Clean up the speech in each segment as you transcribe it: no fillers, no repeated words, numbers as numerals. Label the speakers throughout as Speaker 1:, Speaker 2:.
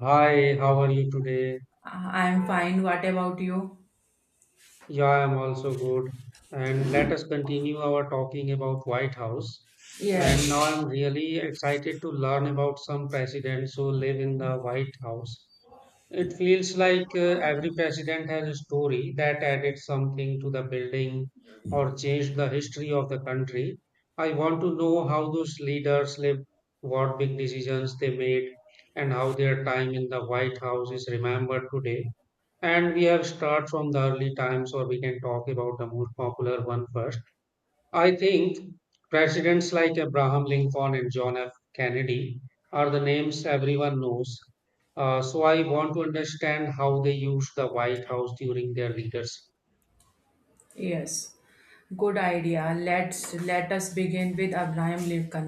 Speaker 1: Hi, how are you today?
Speaker 2: I'm fine. What about you?
Speaker 1: Yeah, I'm also good. And let us continue our talking about White House. And now
Speaker 2: Yes.
Speaker 1: I'm really excited to learn about some presidents who live in the White House. It feels like every president has a story that added something to the building or changed the history of the country. I want to know how those leaders lived, what big decisions they made, and how their time in the White House is remembered today. And we have start from the early times, or we can talk about the most popular one first. I think presidents like Abraham Lincoln and John F. Kennedy are the names everyone knows. So I want to understand how they used the White House during their leadership.
Speaker 2: Yes. Good idea. Let us begin with Abraham Lincoln.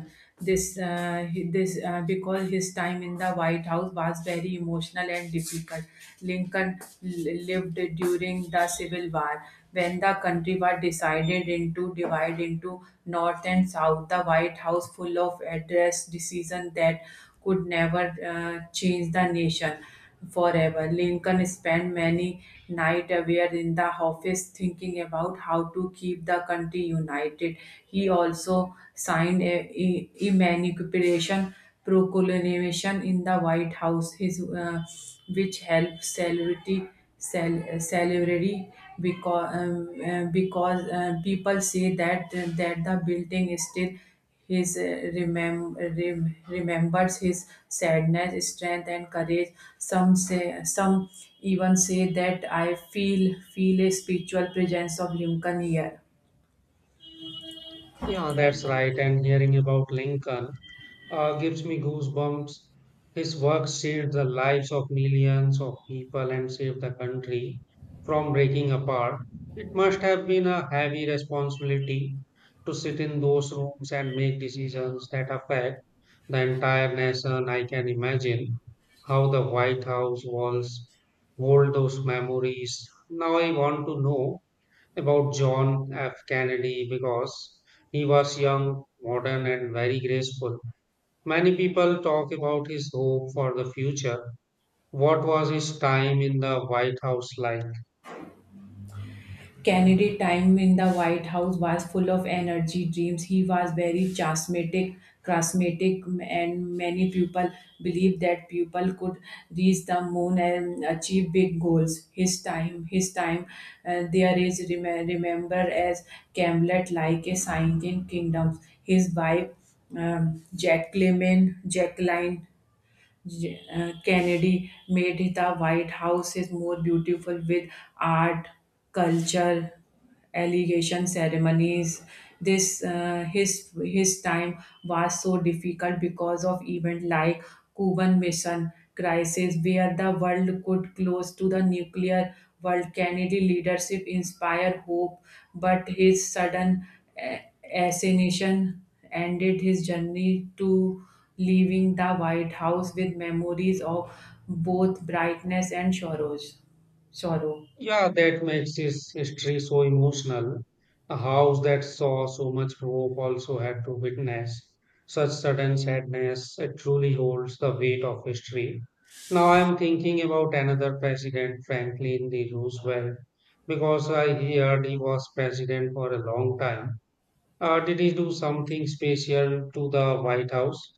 Speaker 2: This he- this because his time in the White House was very emotional and difficult. Lincoln lived during the Civil War when the country was decided into divide into North and South. The White House full of address decisions that could never change the nation. Forever. Lincoln spent many nights aware in the office thinking about how to keep the country united. He also signed a emancipation proclamation in the White House. His which help celebrity celebrity because people say that the building is still his uh, remembers his sadness, strength, and courage. Some say, some even say that I feel feel a spiritual presence of Lincoln here.
Speaker 1: Yeah, that's right. And hearing about Lincoln gives me goosebumps. His work saved the lives of millions of people and saved the country from breaking apart. It must have been a heavy responsibility to sit in those rooms and make decisions that affect the entire nation. I can imagine how the White House walls hold those memories. Now I want to know about John F. Kennedy because he was young, modern, and very graceful. Many people talk about his hope for the future. What was his time in the White House like?
Speaker 2: Kennedy's time in the White House was full of energy, dreams. He was very charismatic, and many people believed that people could reach the moon and achieve big goals. His time, there is rem- remembered as Camelot, like a saint in kingdoms. His wife, um, Jacqueline, Jacqueline Kennedy, made the White House is more beautiful with art, culture, allegation ceremonies. This his time was so difficult because of events like Cuban Mission crisis, where the world could close to the nuclear world. Kennedy leadership inspired hope, but his sudden uh, assassination ended his journey to leaving the White House with memories of both brightness and sorrows. Sorrow.
Speaker 1: Yeah, that makes his history so emotional. A house that saw so much hope also had to witness such sudden sadness. It truly holds the weight of history. Now I am thinking about another president, Franklin D. Roosevelt, because I heard he was president for a long time. Did he do something special to the White House?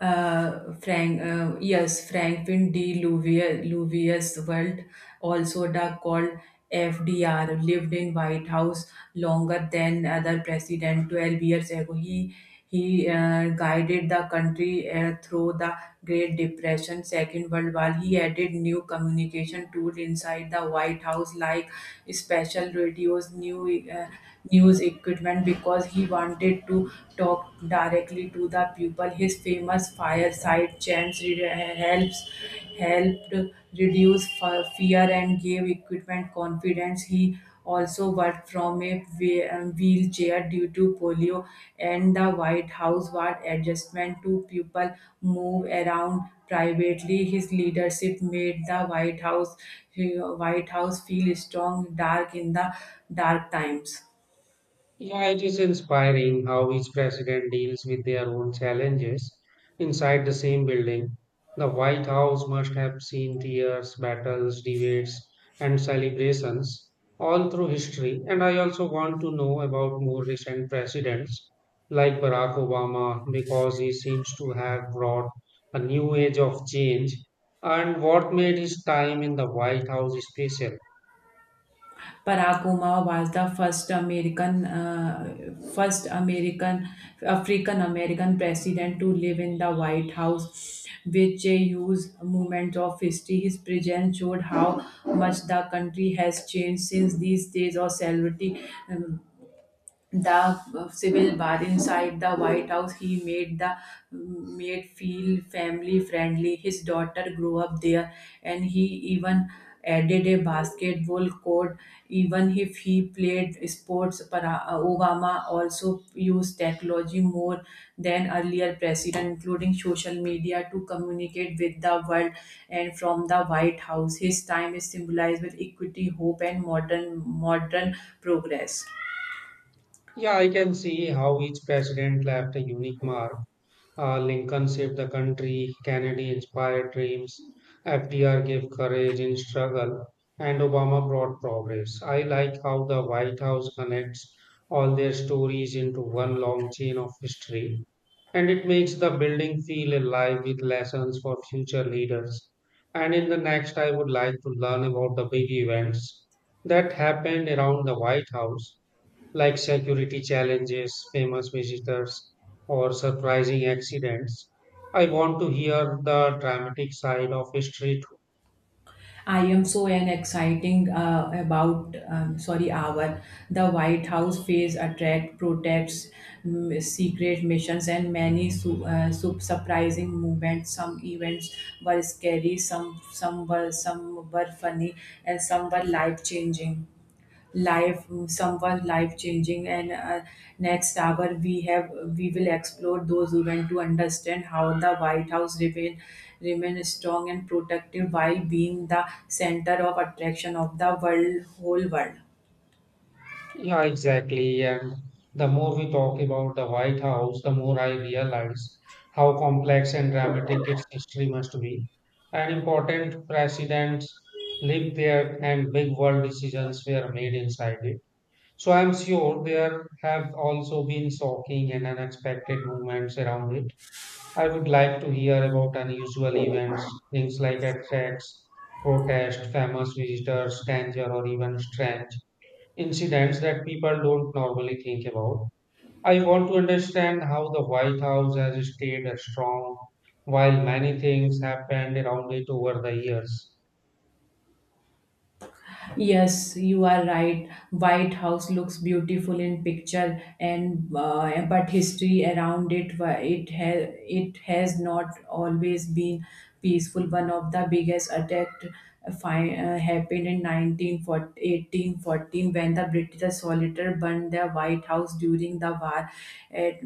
Speaker 2: Yes, Franklin D. Louvis Weld, called FDR, lived in White House longer than other president. 12 years ago, he guided the country through the Great Depression, Second World War. He added new communication tool inside the White House, like special radios, new uh, news equipment, because he wanted to talk directly to the people. His famous fireside chants re- helps helped reduce fear and gave equipment confidence. He also worked from a wheelchair due to polio, and the White House was adjustment to people move around privately. His leadership made the White House feel strong, dark in the dark times.
Speaker 1: Yeah, it is inspiring how each president deals with their own challenges inside the same building. The White House must have seen tears, battles, debates, and celebrations all through history. And I also want to know about more recent presidents like Barack Obama because he seems to have brought a new age of change and what made his time in the White House special.
Speaker 2: Barack Obama was the first African American president to live in the White House, which a huge moment of history. His presence showed how much the country has changed since these days of celebrity. Um, the Civil bar inside the White House. He made feel family friendly. His daughter grew up there, and he even added a basketball court. Even if he played sports, Obama also used technology more than earlier president, including social media, to communicate with the world and from the White House. His time is symbolized with equity, hope, and modern progress.
Speaker 1: Yeah, I can see how each president left a unique mark. Lincoln saved the country, Kennedy inspired dreams, FDR gave courage in struggle, and Obama brought progress. I like how the White House connects all their stories into one long chain of history, and it makes the building feel alive with lessons for future leaders. And in the next, I would like to learn about the big events that happened around the White House like security challenges, famous visitors, or surprising accidents. I want to hear the dramatic side of history too.
Speaker 2: I am so an exciting about sorry hour. The White House face attract protests, secret missions, and many surprising movements. Some events were scary, some were funny, and some were life changing, and next hour we will explore those events to understand how the White House remain strong and protective while being the center of attraction of the world whole world.
Speaker 1: Yeah, exactly. And the more we talk about the White House, the more I realize how complex and dramatic its history must be. And important presidents lived there, and big world decisions were made inside it. So I'm sure there have also been shocking and unexpected movements around it. I would like to hear about unusual events, things like attacks, protests, famous visitors, danger, or even strange incidents that people don't normally think about. I want to understand how the White House has stayed strong while many things happened around it over the years.
Speaker 2: Yes, you are right. White House looks beautiful in picture, and but history around it it has not always been peaceful. One of the biggest attack happened in 1914 1814 when the British soldier burned the White House during the war. At,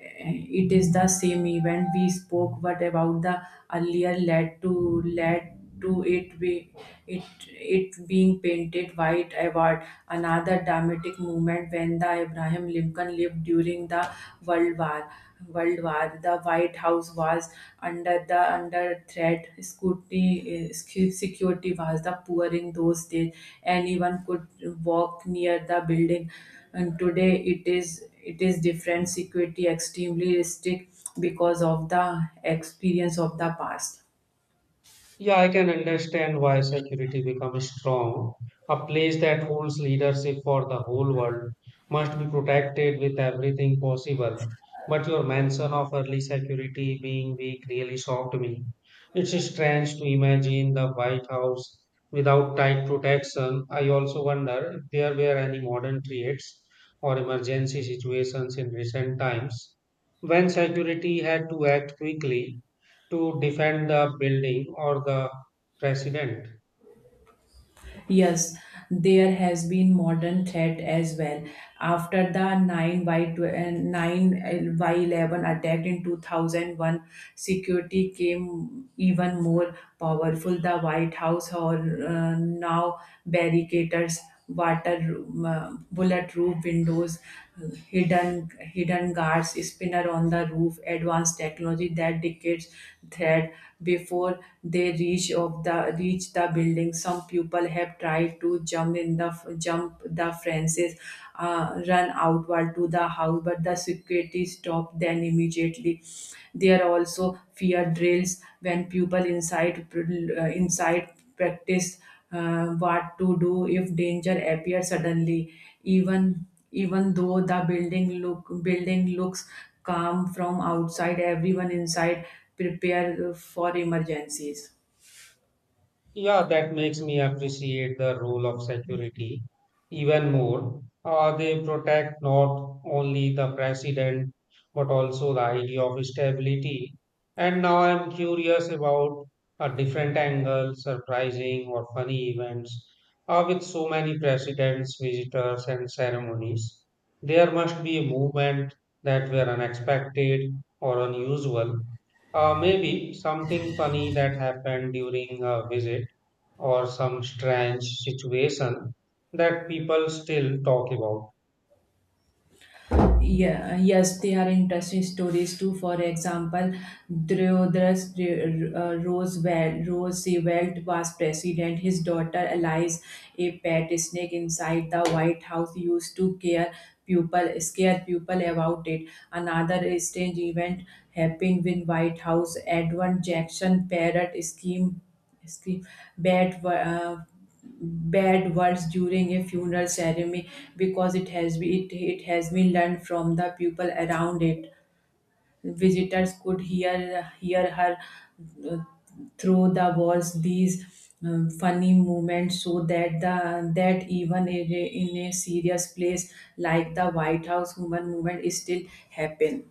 Speaker 2: it is the same event we spoke what about the earlier led to it. We it it being painted white award. Another dramatic moment when the Abraham Lincoln lived during the world war world war, the White House was under threat scrutiny. Security was the poor in those days. Anyone could walk near the building, and today it is different. Security extremely strict because of the experience of the past.
Speaker 1: Yeah, I can understand why security becomes strong. A place that holds leadership for the whole world must be protected with everything possible. But your mention of early security being weak really shocked me. It's strange to imagine the White House without tight protection. I also wonder if there were any modern threats or emergency situations in recent times when security had to act quickly to defend the building or the president.
Speaker 2: Yes, there has been modern threat as well. After the 9 by 11 attack in 2001, security came even more powerful. The White House or now barricades, waterproof, bulletproof windows, hidden guards, spinner on the roof, advanced technology that decades thread before they reach the building. Some people have tried to jump the fences, run outward to the house, but the security stopped them immediately. There are also fear drills when people inside practiced what to do if danger appears suddenly. Even even though the building looks calm from outside. Everyone inside prepare for emergencies.
Speaker 1: Yeah, that makes me appreciate the role of security even more. They protect not only the president but also the idea of stability. And now I'm curious about a different angle, surprising or funny events. With so many presidents, visitors, and ceremonies, there must be a movement that were unexpected or unusual. Maybe something funny that happened during a visit or some strange situation that people still talk about.
Speaker 2: Yeah, yes, they are interesting stories too. For example, Theodorus Roosevelt was president. His daughter Alice, a pet snake inside the White House, used to scare people about it. Another strange event happened with White House Edward Jackson parrot scheme scheme bat bad words during a funeral ceremony because it has been learned from the people around it. Visitors could hear her uh, through the walls. These funny moments so that the that even in in a serious place like the White House, human movement is still happen.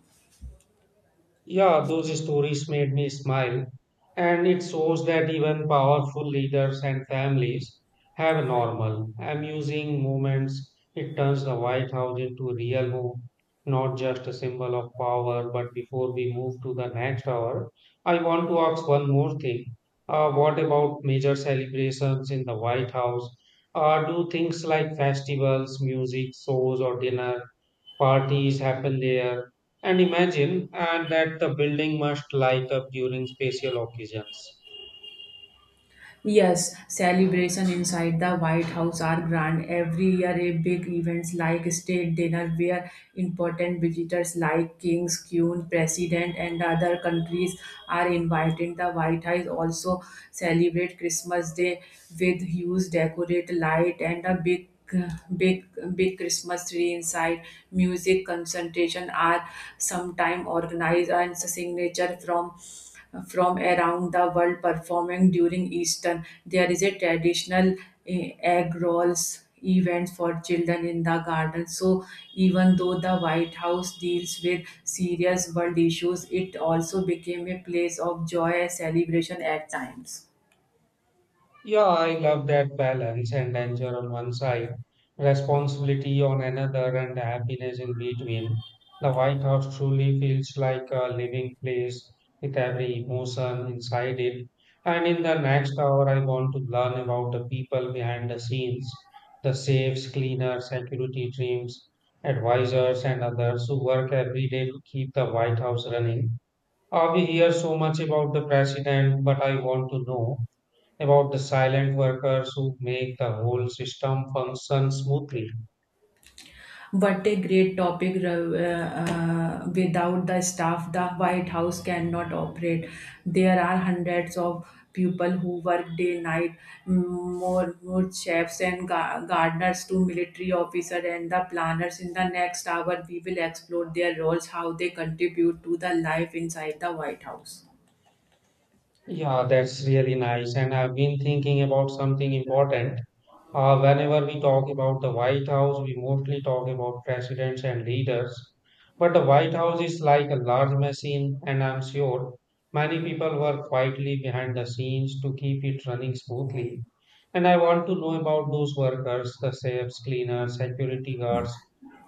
Speaker 1: Yeah, those stories made me smile, and it shows that even powerful leaders and families have normal, amusing moments. It turns the White House into a real home, not just a symbol of power. But before we move to the next hour, I want to ask one more thing. What about major celebrations in the White House? Do things like festivals, music, shows, or dinner parties happen there, and imagine and that the building must light up during special occasions?
Speaker 2: Yes, celebration inside the White House are grand. Every year, a big events like state dinner where important visitors like kings, queen, president, and other countries are invited. The White House also celebrate Christmas Day with huge decorate light and a big big Christmas tree inside. Music concentration are sometime organized and signature from around the world performing during Easter. There is a traditional egg rolls event for children in the garden. So even though the White House deals with serious world issues, it also became a place of joy and celebration at times.
Speaker 1: Yeah, I love that balance and danger on one side, responsibility on another, and happiness in between. The White House truly feels like a living place with every emotion inside it. And in the next hour, I want to learn about the people behind the scenes, the safes, cleaners, security teams, advisors, and others who work every day to keep the White House running. We hear so much about the president, but I want to know about the silent workers who make the whole system function smoothly.
Speaker 2: What a great topic. Without the staff, the White House cannot operate. There are hundreds of people who work day night, more chefs and gardeners to military officers and the planners. In the next hour, we will explore their roles, how they contribute to the life inside the White House.
Speaker 1: Yeah, that's really nice. And I've been thinking about something important. Whenever we talk about the White House, we mostly talk about presidents and leaders. But the White House is like a large machine, and I'm sure many people work quietly behind the scenes to keep it running smoothly. And I want to know about those workers the chefs, cleaners, security guards,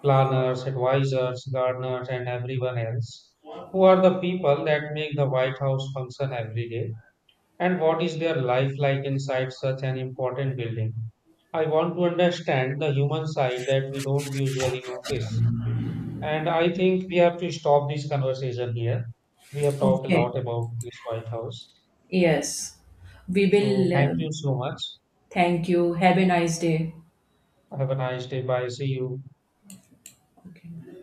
Speaker 1: planners, advisors, gardeners, and everyone else who are the people that make the White House function every day. And what is their life like inside such an important building? I want to understand the human side that we don't usually notice. And I think we have to stop this conversation here. We have talked a
Speaker 2: Okay.
Speaker 1: lot about this White House.
Speaker 2: Yes. We
Speaker 1: So
Speaker 2: will.
Speaker 1: thank you so much.
Speaker 2: Thank you. Have a nice day.
Speaker 1: Have a nice day. Bye. See you.
Speaker 2: Okay.